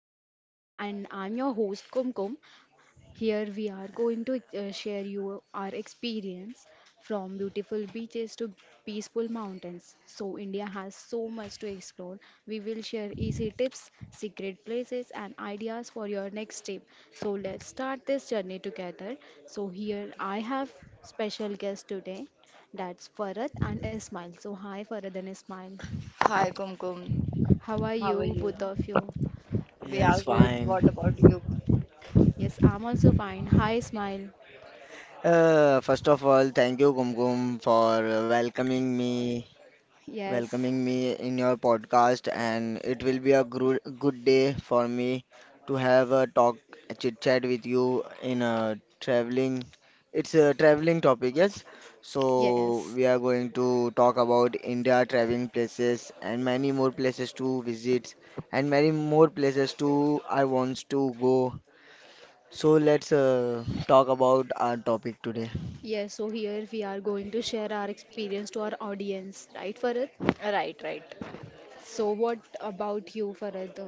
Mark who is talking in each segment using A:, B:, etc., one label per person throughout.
A: India, and I'm your host Kumkum. Here we are going to share you our experience from beautiful beaches to peaceful mountains. So India has so much to explore. We will share easy tips, secret places, and ideas for your next trip. So let's start this journey together. So here I have special guest today. That's Farad and Ismail. So hi Farad and Ismail.
B: Hi, Kumkum.
A: How are
B: How are
A: you
B: you?
A: both of you?
B: We
C: Yes,
B: are good.
C: fine.
B: What about you?
A: Yes, I'm also fine. Hi Ismail.
C: First of all, thank you, Kumkum, for welcoming me,
A: Yes.
C: welcoming me in your podcast, and it will be a gru good day for me to have a talk, a chit chat with you in a traveling. It's a traveling topic, yes. So
A: Yes.
C: we are going to talk about India traveling places and many more places to visit, and many more places to I wants to go. So let's talk about our topic today.
A: Yes, so here we are going to share our experience to our audience, right, Farad?
B: Right, right.
A: So, what about you, Farad?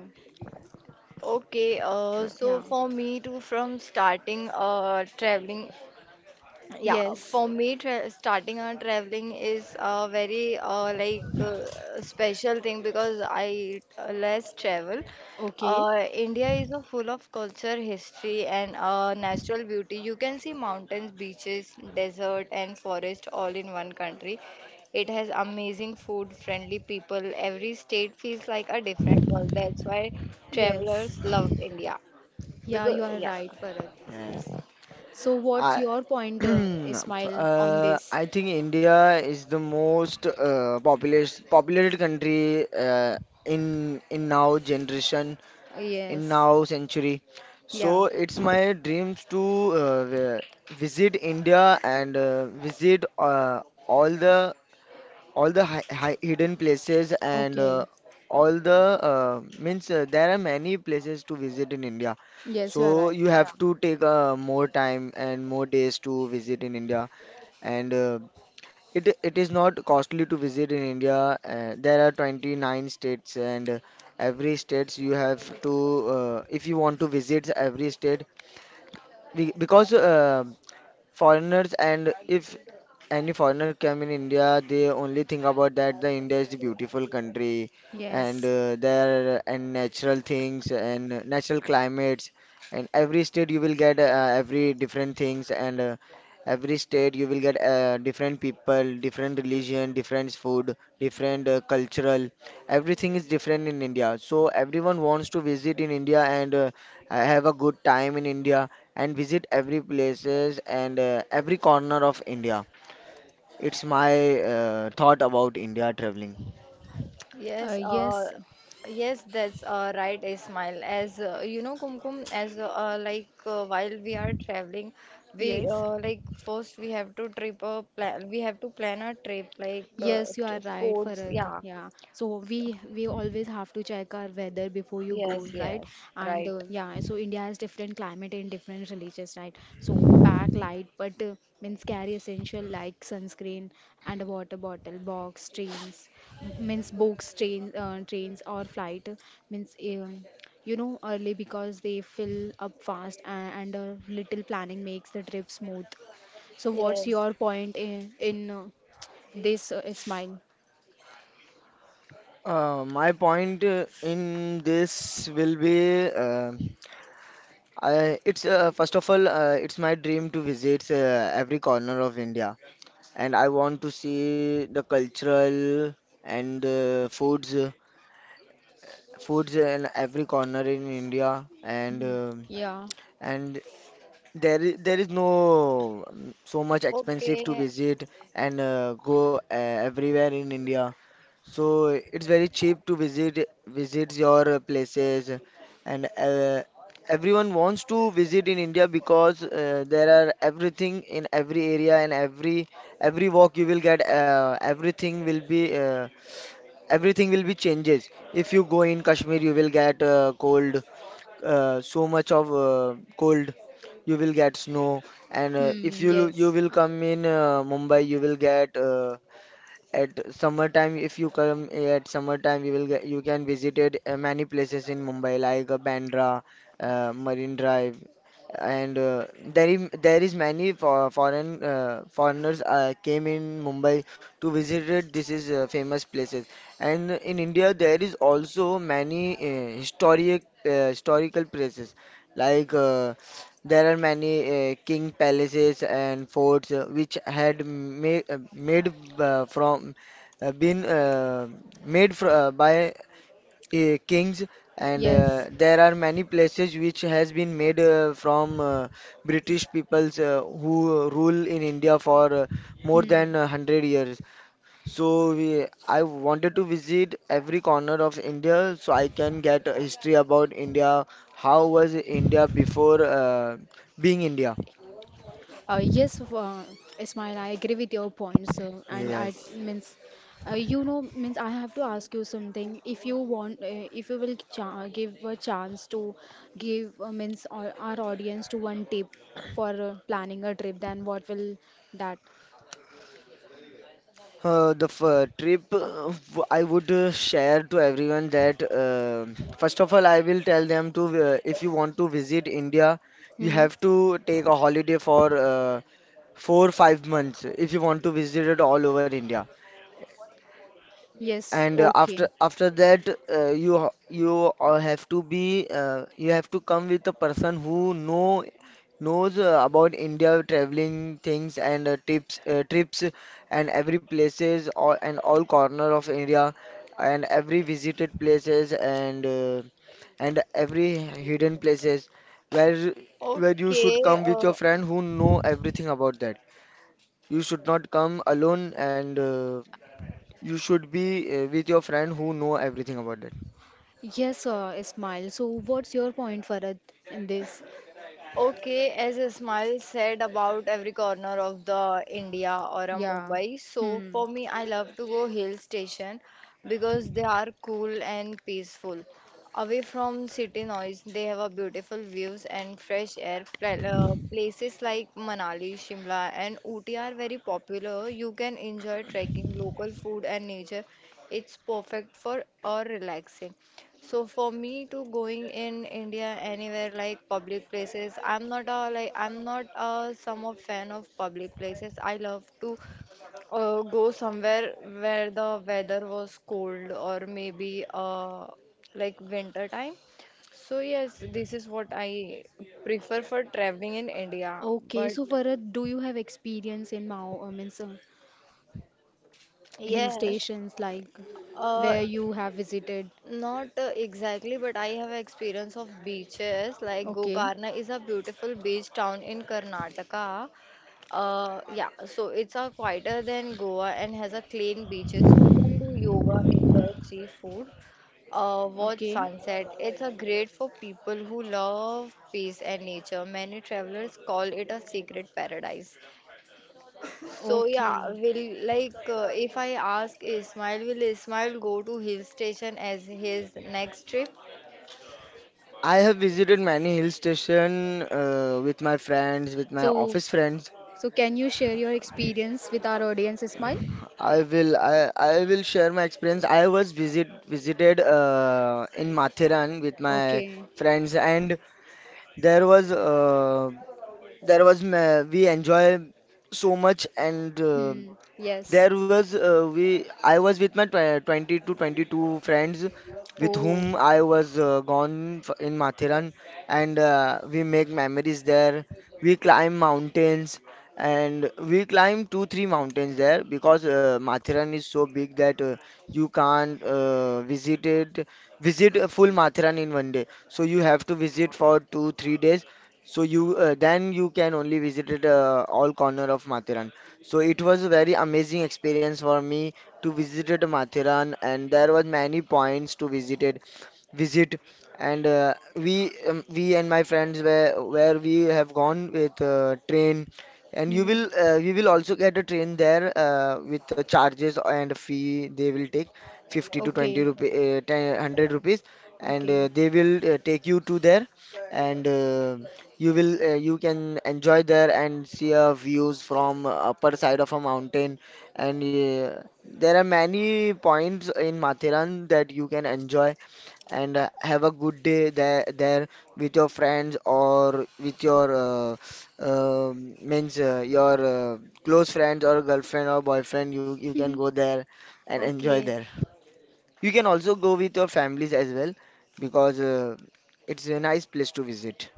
B: Okay,
C: Uh,
B: so
A: Yeah.
B: for me too, from starting traveling. Yeah,
A: Yes.
B: for me, tra starting on traveling is a very special thing because I less travel.
A: Okay.
B: India is a full of culture, history, and natural beauty. You can see mountains, beaches, desert, and forest all in one country. It has amazing food, friendly people. Every state feels like a different world. That's why
A: Yes.
B: travelers love India.
A: Yeah,
B: Because
A: you are
B: yeah.
A: right, Farad.
C: Yes,
A: So, what's
C: I
A: your point, Ismail, on this?
C: I think India is the most populous populated country, in now generation, in
A: Yes.
C: now century.
A: Yeah.
C: So it's my dreams to uh, vi- visit India and visit all the hi hi hidden places and
A: Okay.
C: all the uh, means there are many places to visit in India.
A: Yes, you are
C: So
A: right.
C: you
A: Yeah.
C: have to take more time and more days to visit in India. And it is not costly to visit in India. There are 29 states and every states you have to, if you want to visit every state we, because foreigners and if any foreigner come in India, they only think about that the India is the beautiful country and
A: Yes.
C: there and natural things and natural climates, and every state you will get every different things, and every state you will get different people, different religion, different food, different cultural. Everything is different in India. So everyone wants to visit in India and have a good time in India and visit every places and every corner of India. It's my thought about India traveling.
B: Yes, uh,
A: Yes.
B: yes, that's right, Ismail. As you know, Kumkum, as while we are traveling, we
A: Yes.
B: like first we have to trip a plan. We have to plan a trip like
A: Yes, you are right,
B: sports.
A: Farad.
B: Yeah.
A: Yeah. So we always have to check our weather before you go,
B: Yes.
A: right?
B: Yes.
A: And
B: Right.
A: yeah, so India has different climate and different religions, right? So pack light, but means carry essential like sunscreen and a water bottle, box, trains, m- means books, train, trains or flight, means you know early because they fill up fast, and a little planning makes the trip smooth. So what's
B: Yes.
A: your point in this is mine.
C: My point in this will be I, it's first of all it's my dream to visit every corner of India, and I want to see the cultural and foods in every corner in India, and
A: Hmm.
C: um
A: Yeah.
C: and there is no so much expensive to
B: Okay.
C: visit and go everywhere in India. So it's very cheap to visits your places and everyone wants to visit in India because there are everything in every area, and every walk you will get everything will be changes. If you go in Kashmir you will get cold so much of cold, you will get snow. And if
A: Hmm.
C: you you
A: Yes.
C: will come in Mumbai you will get at summertime, if you come eh, at summertime, you will you can visited many places in Mumbai like Bandra, Marine Drive, and there is many foreigners came in Mumbai to visit this is famous places. And in India, there is also many historical places like. There are many king palaces and forts which had ma made from been made fr by kings, and
A: Yes.
C: there are many places which has been made from British peoples who rule in India for uh, more
A: Hmm.
C: than uh, 100 years. So we, I wanted to visit every corner of India so I can get a history about India. How was India before being India?
A: Uh, yes, f- uh, Ismail, I agree with your points. And I
C: Yes.
A: means, you know, means I have to ask you something. If you want, if you will cha give a chance to give means all, our audience to one tip for planning a trip, then what will that?
C: The f Trip I would share to everyone that first of all I will tell them to, if you want to visit India you
A: Hmm.
C: have to take a holiday for 4 5 months if you want to visit it all over India.
A: Yes.
C: And uh, after
A: Okay.
C: after that you all have to be you have to come with a person who knows about India traveling things and tips trips and every places all, and all corner of India, and every visited places, and every hidden places where where you should
B: Okay.
C: come with your friend who know everything about that. You should not come alone, and you should be with your friend who know everything about that.
A: Yes, Ismail. So, what's your point, Farad, in this?
B: Okay, as a smile said about every corner of the India or a
A: Yeah.
B: Mumbai. So
A: Hmm.
B: for me, I love to go hill station because they are cool and peaceful. Away from city noise, they have a beautiful views and fresh air. Places like Manali, Shimla, and Ooty are very popular. You can enjoy trekking, local food, and nature. It's perfect for or relaxing. So for me to going in India anywhere like public places, I'm not a some of fan of public places. I love to go somewhere where the weather was cold or maybe like winter time. So yes, this is what I prefer for traveling in India.
A: Okay,
B: But
A: so Farad, do you have experience in Mao, means hill
B: yes.
A: stations like
B: Uh,
A: where you have visited?
B: not exactly, but I have experience of beaches. Like
A: Okay,
B: Gokarna is a beautiful beach town in Karnataka. Yeah, so it's a quieter than Goa and has a clean beaches. You can do yoga, enjoy seafood, watch
A: okay,
B: sunset. It's a great for people who love peace and nature. Many travelers call it a secret paradise. So yeah,
A: okay,
B: will like if I ask Ismail, will Ismail go to hill station as his next trip?
C: I have visited many hill station with my friends, with my
A: so
C: office friends.
A: So, can you share your experience with our audience, Ismail?
C: I will I will share my experience. I was visited in Mathiran with my
A: Okay.
C: friends, and there was we enjoy so much, and
A: Hmm. Yes.
C: there was we I was with my tw 20 to 22 friends with
A: Oh.
C: whom I was gone f in Mathiran, and we make memories there. We climb mountains, and we climb 2 3 mountains there because Mathiran is so big that you can't visit it visit a full Mathiran in 1 day. So you have to visit for 2 3 days. So you then you can only visit it, all corner of Mathiran. So it was a very amazing experience for me to visited Mathiran, and there was many points to visit. And we and my friends were where we have gone with train, and you
A: Hmm.
C: will we will also get a train there with the charges and fee they will take 50 to 20
A: Okay.
C: rupee, 10, 100 rupees, and
A: Okay.
C: they will take you to there. And you will you can enjoy there and see views from upper side of a mountain. And there are many points in Mathiran that you can enjoy and have a good day there with your friends or with your means your close friends or girlfriend or boyfriend, you can go there and enjoy
A: Okay.
C: there. You can also go with your families as well because it's a nice place to visit.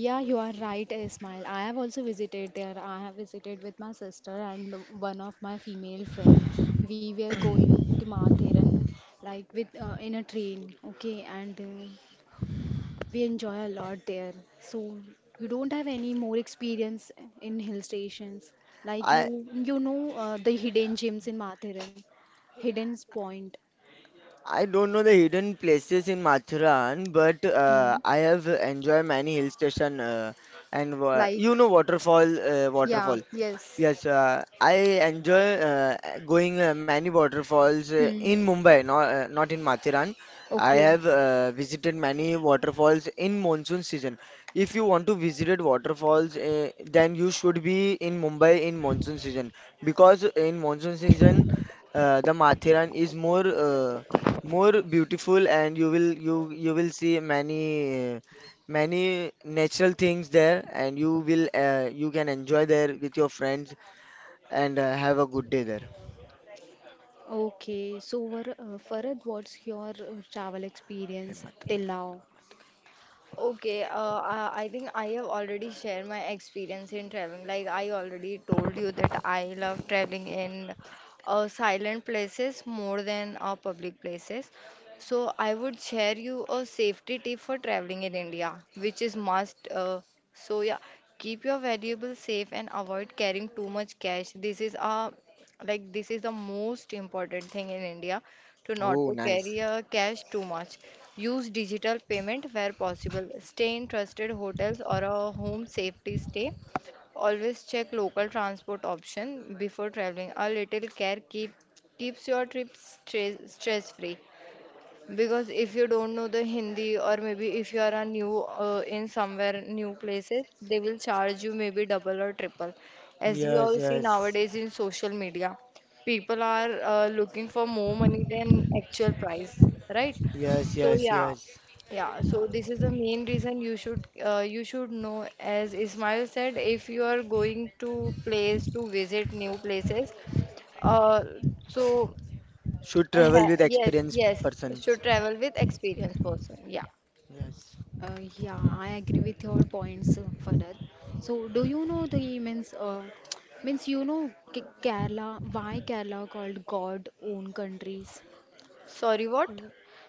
A: Yeah, you are right, Ismail. I have also visited there. I have visited with my sister and one of my female friend. We were going to Mathiran, like with in a train. Okay, and we enjoy a lot there. So you don't have any more experience in hill stations. Like
C: I
A: you know the hidden gems in Mathiran, hidden point.
C: I don't know the hidden places in Mathuran, but
A: Hmm.
C: I have enjoyed many hill station and
A: Like,
C: you know waterfall,
A: yeah,
C: waterfall.
A: yes.
C: Yes, I enjoy going many waterfalls
A: Hmm.
C: in Mumbai, not in Mathiran. I
A: Okay.
C: have visited many waterfalls in monsoon season. If you want to visit waterfalls, then you should be in Mumbai in monsoon season, because in monsoon season the Mathiran is more beautiful, and you will you will see many many natural things there, and you will you can enjoy there with your friends and have a good day there,
A: Okay. So, Farad, what's your travel experience
C: Hemant.
A: till now?
B: Okay, I think I have already shared my experience in traveling. Like I already told you that I love traveling in silent places more than public places. So I would share you a safety tip for traveling in India, which is must. So yeah, keep your valuables safe and avoid carrying too much cash. This is the most important thing in India to not
C: Oh,
B: to carry
C: nice.
B: a cash too much. Use digital payment where possible. Stay in trusted hotels or a home safety stay. Always check local transport option before traveling. A little care keep keeps your trip stress free. Because if you don't know the Hindi or maybe if you are a new in somewhere new places, they will charge you maybe double or triple. As we
C: Yes,
B: all see
C: yes,
B: nowadays in social media, people are looking for more money than actual price, right?
C: yes,
B: So
C: yes,
B: yeah,
C: yes.
B: yeah. So this is the main reason you should know. As Ismail said, if you are going to place to visit new places, uh, so
C: Should travel
B: eh,
C: with
B: yes,
C: experienced
B: yes,
C: persons.
B: should travel with experienced person. Yeah.
C: Yes.
A: Yeah, I agree with your points, Farad. So, do you know the means means you know K Kerala? Why Kerala called God own countries?
B: Sorry, what?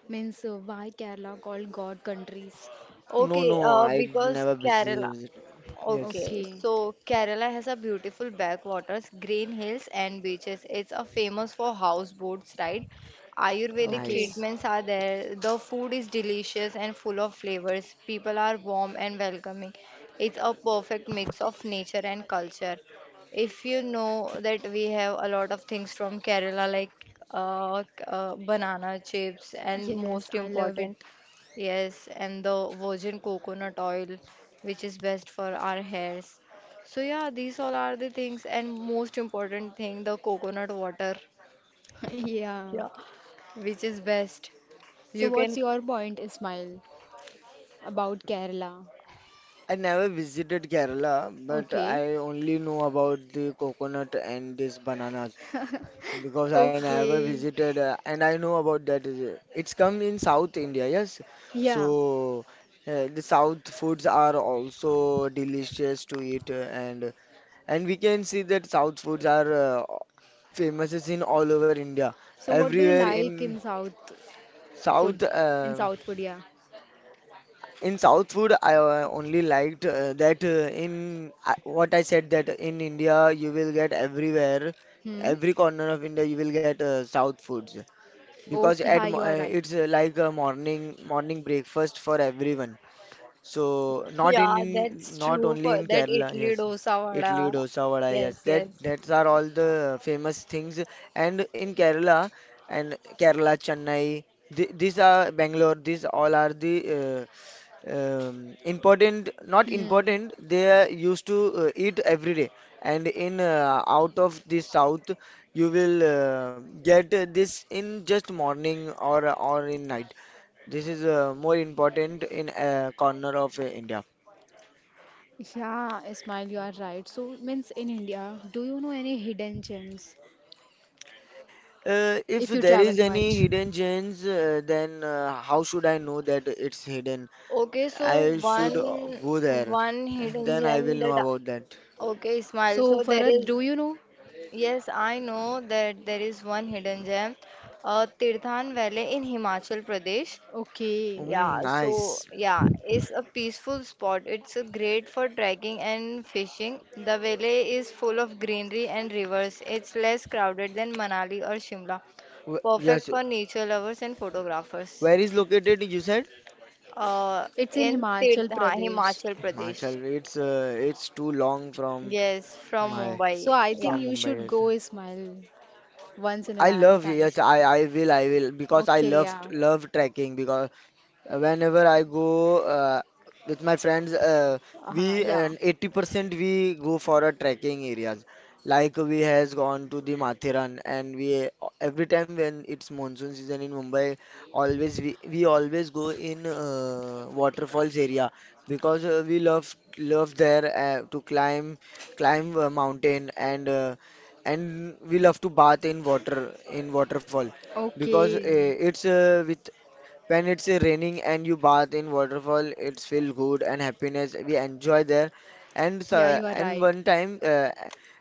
A: Means why Kerala called God countries?
C: No,
B: Okay,
C: no, I
B: because
C: never
B: Kerala.
C: visited. Yes,
B: Okay,
A: Okay.
B: so Kerala has a beautiful backwaters, green hills, and beaches. It's a famous for houseboats, right? Ayurvedic
A: Okay.
C: nice.
B: treatments are there. The food is delicious and full of flavors. People are warm and welcoming. It's a perfect mix of nature and culture. If you know that we have a lot of things from Kerala, like banana chips, and
A: Yes,
B: most
A: I love it.
B: important, yes, and the virgin coconut oil, which is best for our hairs. So yeah, these all are the things, and most important thing, the coconut water,
A: Yeah.
B: yeah, which is best.
A: So
B: You
A: what's
B: can,
A: your point, Ismail? About Kerala.
C: I never visited Kerala, but
A: Okay.
C: I only know about the coconut and this banana. Because I never
A: Okay.
C: visited and I know about that. Is it's come in South India, yes.
A: Yeah.
C: So the South foods are also delicious to eat, and we can see that South foods are famous is in all over India.
A: So what do you
C: Everywhere
A: like in South
C: South
A: food? In
C: uh,
A: South food, yeah.
C: in South food I only liked that in I what I said that in India you will get everywhere
A: Hmm.
C: every corner of India you will get South foods. Because
A: Okay, hi, you are right.
C: it's like a morning breakfast for everyone. So not
B: yeah, that's
C: in not
B: true
C: only
B: for
C: in
B: that
C: Kerala,
B: Italy
C: yes.
B: dosa
C: Idli,
B: vada.
C: dosa, vada, yes.
B: Yes,
C: That
B: yes.
C: that's are all the famous things. And in Kerala and Kerala, Chennai, th these are Bangalore. These all are the important. Not
A: Hmm.
C: important. They are used to eat every day. And in out of the south, you will get this in just morning or in night. This is more important in a corner of India.
A: Yeah, Ismail, you are right. So means in India, do you know any hidden gems
C: If
A: if you
C: there
A: travel
C: is any
A: much?
C: hidden gems, then how should I know that it's hidden?
B: Okay, so
C: I should
B: one
C: go there,
B: one hidden
C: then I
B: gem
C: will
B: that,
C: know about that.
B: okay, Ismail. So
A: So
B: there
A: Farad,
B: is
A: do you know?
B: yes, I know that there is one hidden gem, Tirthan Valley in Himachal Pradesh.
A: Okay.
C: Mm,
B: Yeah, so
C: nice.
B: yeah, it's a peaceful spot. It's great for trekking and fishing. The valley is full of greenery and rivers. It's less crowded than Manali or Shimla.
C: Yes,
B: Perfect for nature lovers and photographers.
C: where is located? You said
B: Uh,
A: It's in
B: in
A: Himachal
B: Tirtha,
A: Pradesh.
B: Himachal Pradesh.
C: Himachal. It's too long from
B: Yes, from
C: my
A: So
B: Mumbai.
A: I think
B: Yeah.
C: from
A: you should
C: Mumbai. Yes.
A: go, Ismail, once in a
C: I love,
A: lifetime.
C: yes. I will because I
A: Okay, yeah.
C: love trekking. Because whenever I go with my friends, we
A: Yeah.
C: and 80% we go for a trekking areas. Like we has gone to the Mathiran, and we every time when it's monsoon season in Mumbai, we always go in waterfalls area because we love love there to climb climb a mountain and we love to bath in water in waterfall because
A: Okay.
C: it's with when it's raining and you bath in waterfall, it's feel good and happiness. We enjoy there, and
A: Yeah,
C: so,
A: you are
C: and
A: right.
C: one time,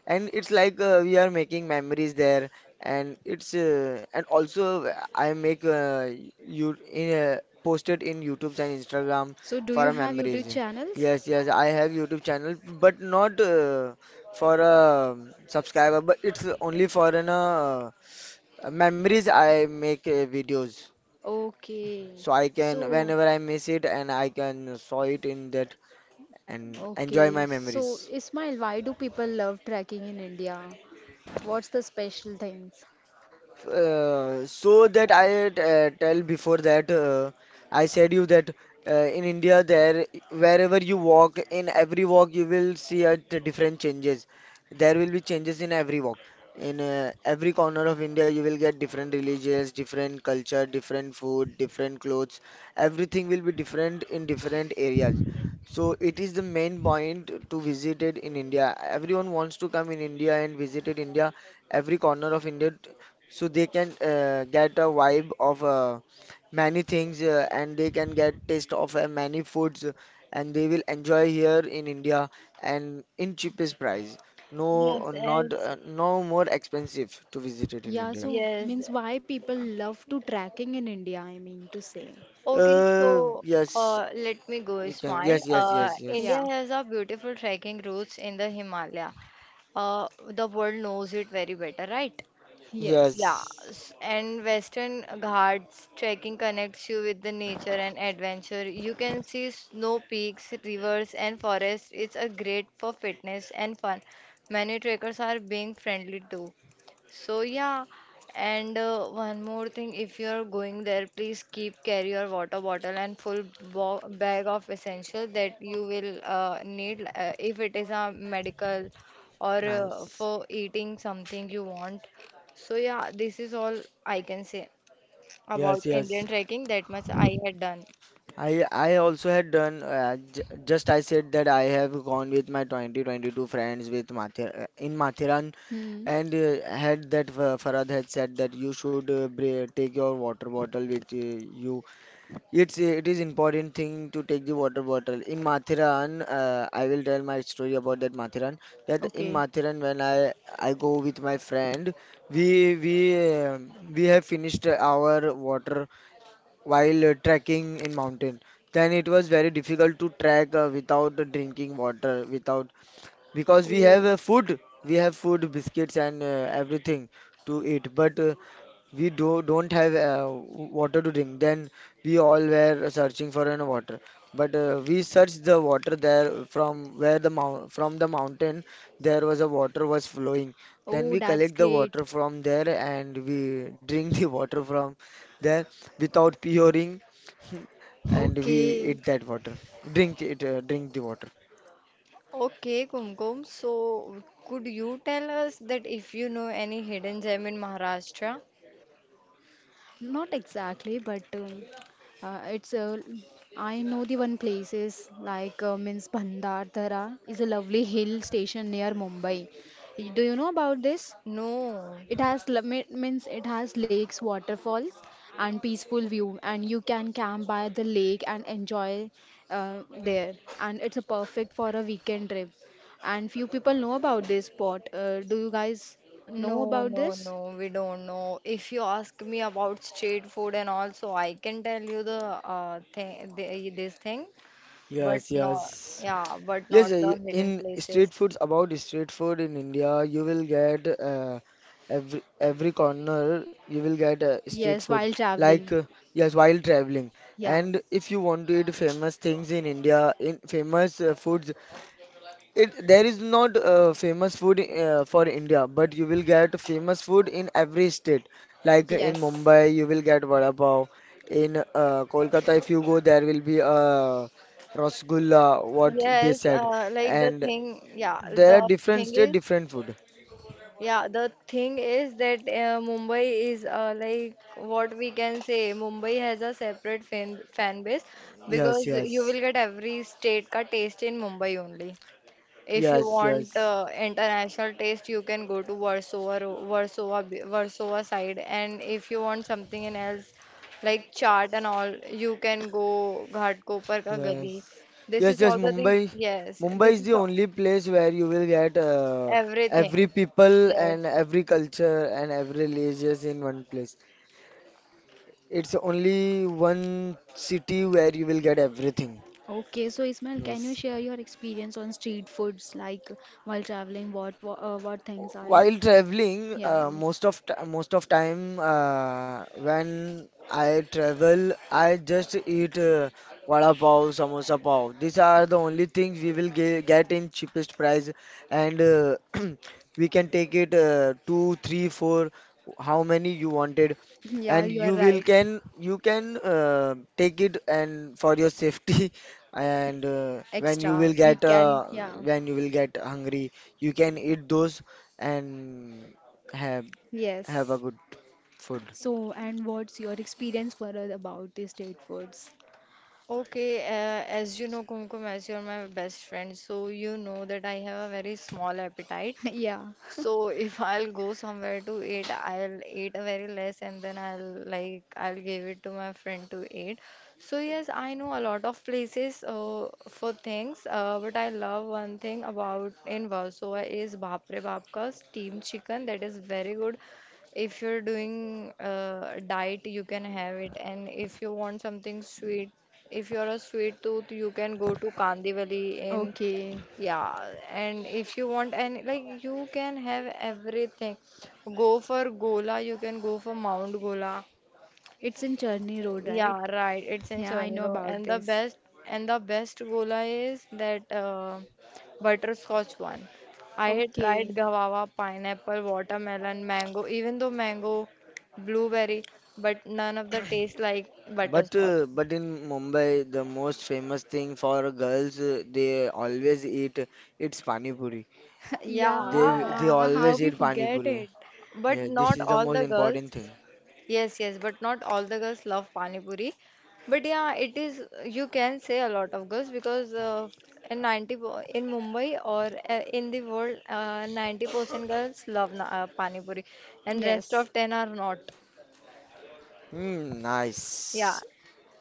C: and it's like we are making memories there, and it's and also I make you in posted in YouTube and Instagram
A: So, do
C: for
A: you
C: a
A: have YouTube
C: memories.
A: channels?
C: Yes, yes, I have YouTube channel, but not for a subscriber, but it's only for an memories. I make videos.
A: Okay.
C: So I can,
A: So,
C: whenever I miss it, and I can saw it in that and enjoy my
A: okay. So,
C: memories.
A: Ismail, why do people love trekking in India? What's the special things?
C: So that I tell before that I said you that in India there wherever you walk in every walk you will see a different changes. There will be changes in every walk. In every corner of India you will get different religions, different culture, different food, different clothes. Everything will be different in different areas. So it is the main point to visit it in India. Everyone wants to come in India and visited India every corner of India so they can get a vibe of many things and they can get taste of many foods and they will enjoy here in India and in cheapest price. No,
B: Yes,
C: not no more expensive to visit it in
A: Yeah,
C: India.
A: so
B: yes,
A: means
B: yes.
A: why people love to trekking in India, I mean to say.
B: Okay,
C: Uh,
B: so
C: yes,
B: let me go
C: you can.
B: smile.
C: Yes, yes,
A: Okay,
C: yes, yes,
B: India
A: yeah.
B: has a beautiful trekking routes in the Himalaya. The world knows it very better, right?
A: Yes.
B: Yeah,
C: yes.
B: and Western Ghats trekking connects you with the nature and adventure. You can see snow peaks, rivers, and forests. It's a great for fitness and fun. Many trekkers are being friendly too. So yeah, and one more thing, if you're going there, please keep carry your water bottle and full bo bag of essentials that you will need if it is a medical or
C: Nice.
B: for eating something you want. So yeah, this is all I can say
C: Yes,
B: about
C: yes.
B: Indian trekking. That much I had done.
C: I also had done j just I said that I have gone with my 2022 friends with Mathera in Matheran.
A: Hmm.
C: And had that Farhad had said that you should take your water bottle with you. It is important thing to take the water bottle. In Mathiran, I will tell my story about that Mathiran. That in
A: Okay.
C: Mathiran, when I go with my friend, we we uh, we have finished our water while trekking in mountain. Then it was very difficult to trek without drinking water, without because we have
A: Oh.
C: food we have food biscuits and everything to eat but we do don't have water to drink, then we all were searching for an water but we searched the water there from where the mount from the mountain there was a water was flowing, then
A: Oh,
C: we
A: that's
C: collect the
A: great.
C: water from there and we drink the water from there without puring and we
A: Okay.
C: eat that water drink it drink the water.
B: Okay, Kumkum. So could you tell us that if you know any hidden gem in Maharashtra?
A: Not exactly, but it's a. I know the one places like means Bhandardara is a lovely hill station near Mumbai. Y- Do you know about this?
B: No.
A: It has lo- me- means it has lakes, waterfalls, and peaceful view, and you can camp by the lake and enjoy there. And it's a perfect for a weekend trip. And few people know about this spot. Do you guys know
B: No,
A: about
B: no,
A: this?
B: no, we don't know. If you ask me about street food and also, I can tell you the thing, this thing, but
C: Yes,
B: not,
C: yes.
B: yeah, but
C: Yes,
B: not the hidden
C: in
B: places.
C: street foods, about street food in India, you will get every corner you will get street
A: Yes,
C: food.
A: while
C: Like
A: traveling.
C: yes, while traveling,
A: Yeah.
C: and if you want to eat famous things in India, in famous foods, it there is not famous food for India, but you will get famous food in every state. Like in
A: Yes.
C: Mumbai, you will get vada pav. In Kolkata, if you go, there will be rasgulla, what they
B: Yes,
C: said.
B: like the
C: And
B: thing, yeah,
C: there are
B: the
C: different
B: thing
C: state,
B: is,
C: different food.
B: yeah, the thing is that Mumbai is like what we can say, Mumbai has a separate fan base
C: Yes,
B: because you
C: yes,
B: will get every state ka taste in Mumbai only. If you
C: yes,
B: want
C: yes,
B: international taste, you can go to Warsaw, Warsaw side. And if you want something in else, like chaat and all, you can go Ghat Kopar Ka
C: yes,
B: Gali. This
C: yes,
B: is
C: yes.
B: all the things.
C: Mumbai,
B: Yes,
C: Mumbai
B: this
C: is the
B: is all,
C: only place where you will get every
B: everything.
C: people
B: Yes.
C: and every culture and every religious in one place. It's only one city where you will get everything.
A: Okay, so Ismail, can you
C: Yes.
A: share your experience on street foods, like while traveling, what what things I,
C: While traveling,
A: yeah,
C: most of time when I travel, I just eat vada pav, samosa pav. These are the only things we will get in cheapest price, and we can take it two, three, four, how many you wanted,
A: yeah,
C: and
A: you
C: you
A: are
C: will
A: right.
C: can you can take it and for your safety, and
A: Extra. We can. Yeah.
C: when you will get hungry, you can eat those and have have a
A: Yes.
C: good food.
A: So and what's your experience for about the street foods?
B: Okay, as you know, Kumkum, as you're my best friend, so you know that I have a very small appetite.
A: Yeah.
B: So if I'll go somewhere to eat, I'll eat a very less and then I'll give it to my friend to eat. So yes, I know a lot of places for things, but I love one thing about in Warsaw is Bapre Babka's steamed chicken that is very good. If you're doing diet, you can have it, and if you want something sweet, if you're a sweet tooth, you can go to Kandivali in
A: Okay.
B: yeah, and if you want any, like you can have everything. Go for Gola, you can go for Mount Gola.
A: It's in Churni Road, right?
B: Yeah, right. It's in
A: Yeah, I know
B: Chernigov,
A: about this.
B: and the best Gola is that butterscotch one. I had tried
A: Okay.
B: guava, pineapple, watermelon, mango, even though mango, blueberry, but none of the taste like
C: But
B: butterscotch.
C: uh, but in Mumbai, the most famous thing for girls, they always eat it's pani puri.
B: Yeah,
C: They
A: Yeah, how
C: always
A: we
C: eat pani
A: forget
C: puri.
A: it.
B: but
C: Yeah, this
B: not
C: is the
B: all
C: most
B: the
C: important thing.
B: girls. Yes, yes, but not all the girls love Pani Puri. But yeah, it is, you can say a lot of girls because in 90, in Mumbai or in the world, 90% girls love Pani Puri and rest
A: Yes.
B: of 10 are not.
C: Hmm,
B: Yeah.
C: nice.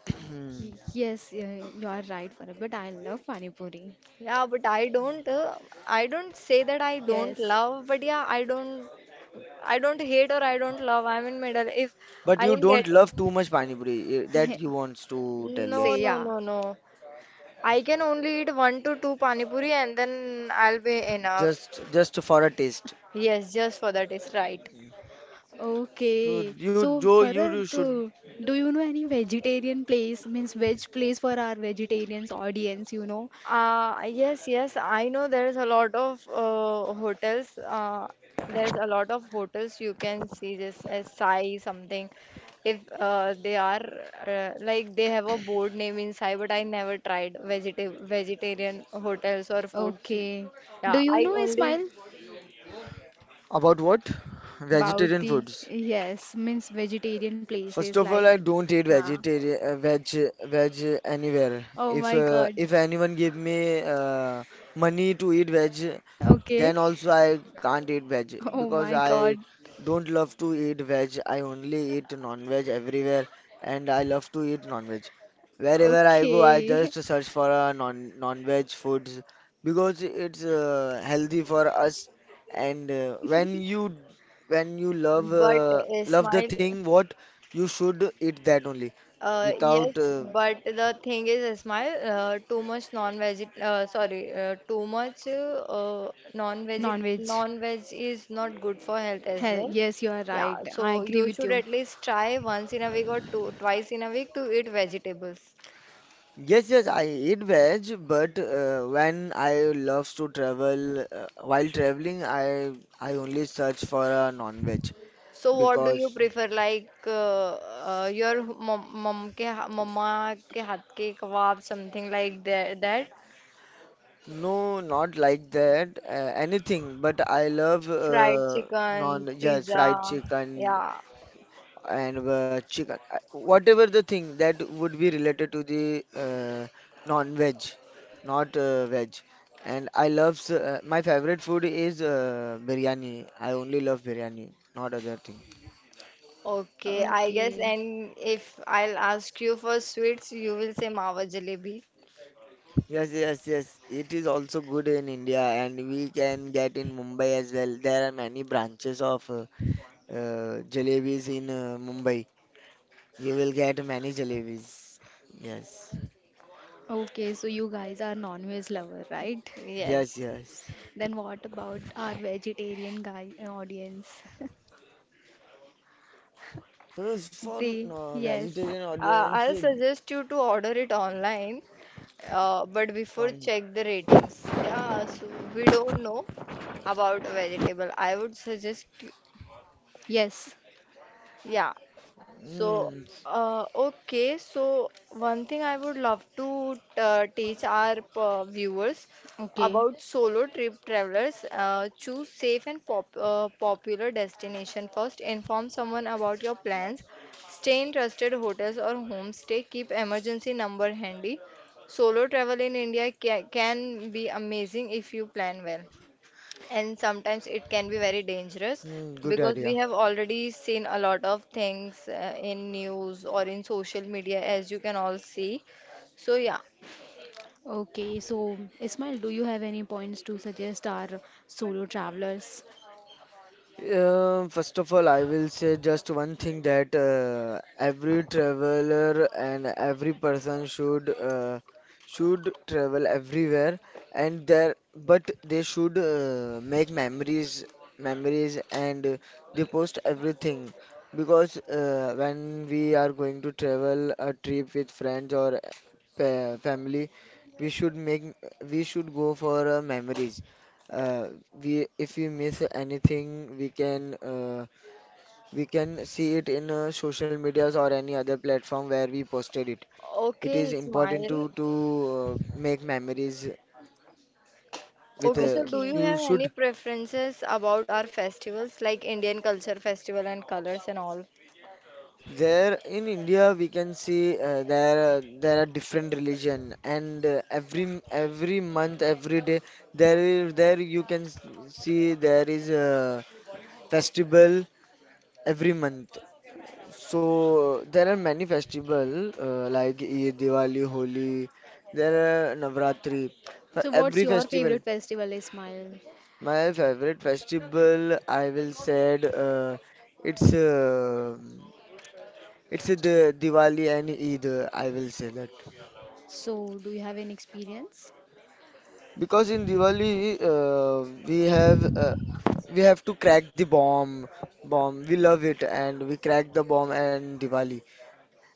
A: Y- Yes, you are right, Farah, but I love Pani Puri.
B: Yeah, but I don't say that I don't
A: Yes.
B: love, but yeah, I don't hate or I don't love. I'm in middle. If
C: But
B: I
C: you
B: am
C: don't
B: getting,
C: love too much pani puri. That you wants to tell
B: no,
C: us.
A: Say
B: no,
A: yeah.
B: no, no. I can only eat one to two pani puri and then I'll be enough.
C: Just for a taste.
B: Yes, just for that is right.
C: So
A: Okay. So,
C: you
A: Farad,
C: do should
A: do you know any vegetarian place, means veg place for our vegetarians audience, you know?
B: Yes, yes, I know there's a lot of hotels. There's a lot of hotels you can see this as Sai something. If they are like they have a board name in Sai, but I never tried vegetarian hotels or foods.
A: Okay. Do
B: Yeah,
A: you
B: I
A: know,
B: only.
A: Ismail,
C: about what?
A: about
C: Vegetarian
A: the,
C: foods.
A: yes, means vegetarian
C: First
A: places
C: of all,
A: like,
C: I don't eat
A: huh.
C: vegetarian veg anywhere.
A: Oh my God.
C: If anyone give me money to eat veg,
A: Okay.
C: then also I can't eat veg
A: Oh
C: because
A: my
C: I
A: God.
C: don't love to eat veg. I only eat non-veg everywhere and I love to eat non-veg. Wherever I go, I just
A: Okay.
C: search for a non-veg foods because it's healthy for us. And when you love
B: But
C: love the
B: Ismail.
C: thing, what you should eat that only without
B: Yes, but the thing is, Ismail, too much non-veg,
A: Non-veg.
B: non-veg is not good for health as
A: Hell,
B: well.
A: yes, you are
B: Yeah,
A: right. I
B: so
A: agree
B: you
A: with
B: should
A: you.
B: at least try once in a week or two, twice in a week to eat vegetables.
C: Yes, yes, I eat veg, but when I love to travel, while traveling, I only search for a non-veg
B: So what do you
C: because
B: prefer, like your mom, mama ke haath ke kebab, something like that, that,
C: no, not like that, anything. But I love
B: fried chicken,
C: yes,
B: pizza,
C: fried chicken,
B: yeah.
C: and chicken, whatever the thing that would be related to the non-veg, not veg. And I love my favorite food is biryani. I only love biryani, not other thing.
B: Okay, I guess.
A: Okay.
B: And if I'll ask you for sweets, you will say mawa jalebi.
C: Yes, yes, yes. It is also good in India, and we can get in Mumbai as well. There are many branches of jalebis in Mumbai. You will get many jalebis. Yes,
A: Okay, so you guys are non-veg lover, right?
B: Yes.
C: yes, yes.
A: Then what about our vegetarian guy audience?
C: First, for
A: They, yes,
C: vegetarian audience,
B: I'll suggest you to order it online, but before
C: from
B: check the ratings. Yeah, so we don't know about vegetable. I would suggest you,
A: yes.
B: yeah, so,
C: mm,
B: okay, so one thing I would love to teach our viewers
A: Okay.
B: about solo trip travelers, choose safe and popular destination first. Inform someone about your plans. Stay in trusted hotels or homestay. Keep emergency number handy. Solo travel in India ca can be amazing if you plan well and sometimes it can be very dangerous
C: good
B: because we
C: idea.
B: have already seen a lot of things in news or in social media as you can all see so yeah
A: Okay, so Ismail, do you have any points to suggest our solo travelers?
C: First of all, I will say just one thing that every traveler and every person should travel everywhere, and there but they should make memories, and they post everything because when we are going to travel a trip with friends or pa family, we should make we should go for memories uh, we if we miss anything, we can see it in social medias or any other platform where we posted it. It
B: okay
C: is important
B: Ismail
C: to make memories with
B: okay so do you
A: Okay.
C: you
B: have any
C: should.
B: preferences about our festivals like Indian culture festival and colors and all?
C: There in India, we can see there are different religion, and every month, every day, there you can see there is a festival every month. So there are many festival like Eid, Diwali, Holi. There are Navratri. For
A: So what's
C: every
A: your
C: festival,
A: favorite festival, Ismail?
C: my favorite festival I will said it's uh, it's the Diwali and Eid. I will say that
A: So do you have any experience?
C: because in Diwali we have to crack the bomb bomb. We love it and we crack the bomb and Diwali.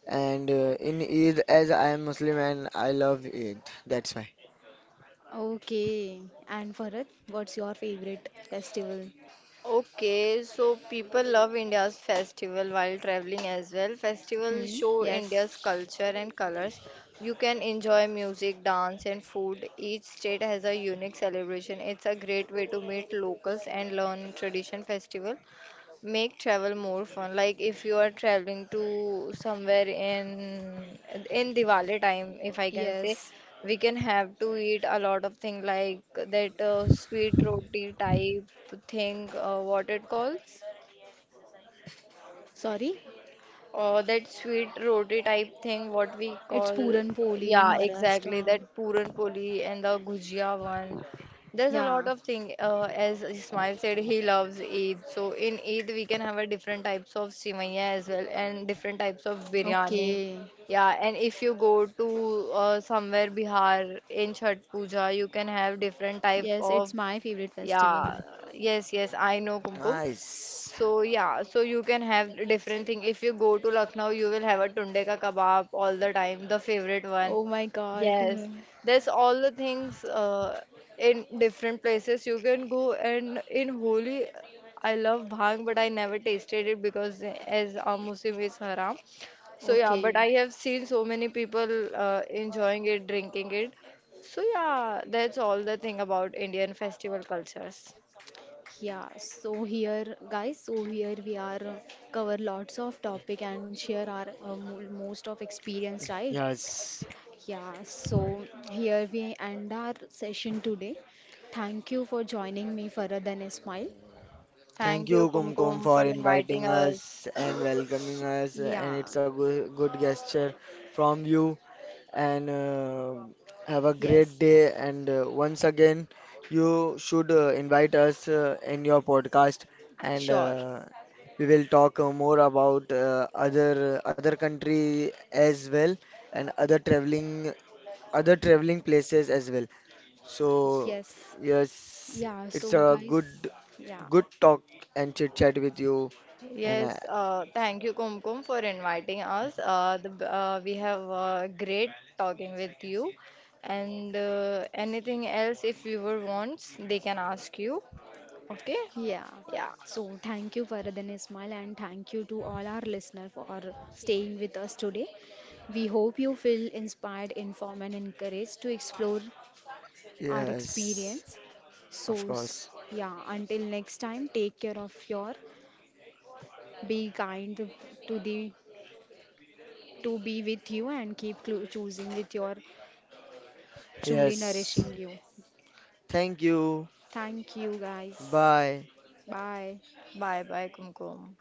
C: And in Eid, as I am Muslim and I love Eid, that's why.
A: Okay. And Farhat, what's your favorite festival?
B: Okay, so people love India's festival while traveling as well. Festivals
A: Hmm.
B: show
A: Yes.
B: India's culture and colors. You can enjoy music, dance, and food. Each state has a unique celebration. It's a great way to meet locals and learn tradition festival make travel more fun like if you are traveling to somewhere in Diwali time if I can say
A: Yes.
B: we can have to eat a lot of thing like that sweet roti type thing what it calls
A: Sorry.
B: that sweet roti type thing, what we
A: It's
B: call,
A: Puran Poli,
B: yeah, exactly,
A: Maharashtra.
B: that Puran Poli and the Gujia one. There's a lot
A: Yeah.
B: of thing. As Ismail said, he loves Eid. So in Eid, we can have a different types of sivaiya as well and different types of biryani.
A: Okay.
B: Yeah,
A: Yeah,
B: and if you go to somewhere
A: uh,
B: Bihar in Chhat Puja, you can have different type
A: yes,
B: of
A: it's my favorite yeah. Festival.
B: yeah,
A: So
B: yes, yes, I know Kumkum.
C: Nice.
B: So yeah, so you can have different thing. If you go to Lucknow, you will have a tunde ka kebab all the time, the favorite one.
A: oh my God.
B: Yes,
A: Yes, uh,
B: that's all the things in different places you can go. And in Holi, I love bhang, but I never tasted it because as a Muslim is haram.
A: so
B: So yeah,
A: okay.
B: but I have seen so many people enjoying it, drinking it. So yeah, that's all the thing about Indian festival cultures.
A: Yeah, so here, guys, so here we are cover lots of topic and share our mo- most of experience, right?
C: Yes.
A: Yeah, so here we end our session today. Thank you for joining me, Farah and Ismail.
C: Thank
B: Thank you,
C: you, Kumkum,
B: Kumkum, for
C: for
B: inviting
C: inviting
B: us.
C: us and welcoming us.
A: Yeah,
C: And it's a good gesture from you. And have a great
A: yes,
C: day. And once again, you should invite us in your podcast. And
A: sure,
C: we will talk more about other other country as well and other traveling places as well. So
A: yes,
C: yes,
A: yeah.
C: it's
A: So
C: a
A: guys, yeah,
C: good talk and chit chat with you. And I,
B: Yes, thank you, Kumkum, for inviting us. We have great talking with you. And anything else, if viewer wants, they can ask you. Okay?
A: yeah.
B: Yeah.
A: So thank you, Faradhan Ismail, and thank you to all our listeners for staying with us today. We hope you feel inspired, informed, and encouraged to explore our
C: yes,
A: experience. So,
C: of
A: s-
C: course.
A: yeah, until next time, take care of your, be kind to the, to be with you, and keep clo- choosing with your truly
C: Yes.
A: nourishing you.
C: Thank you.
A: Thank you, guys.
C: Bye.
A: Bye.
B: Bye bye, Kumkum.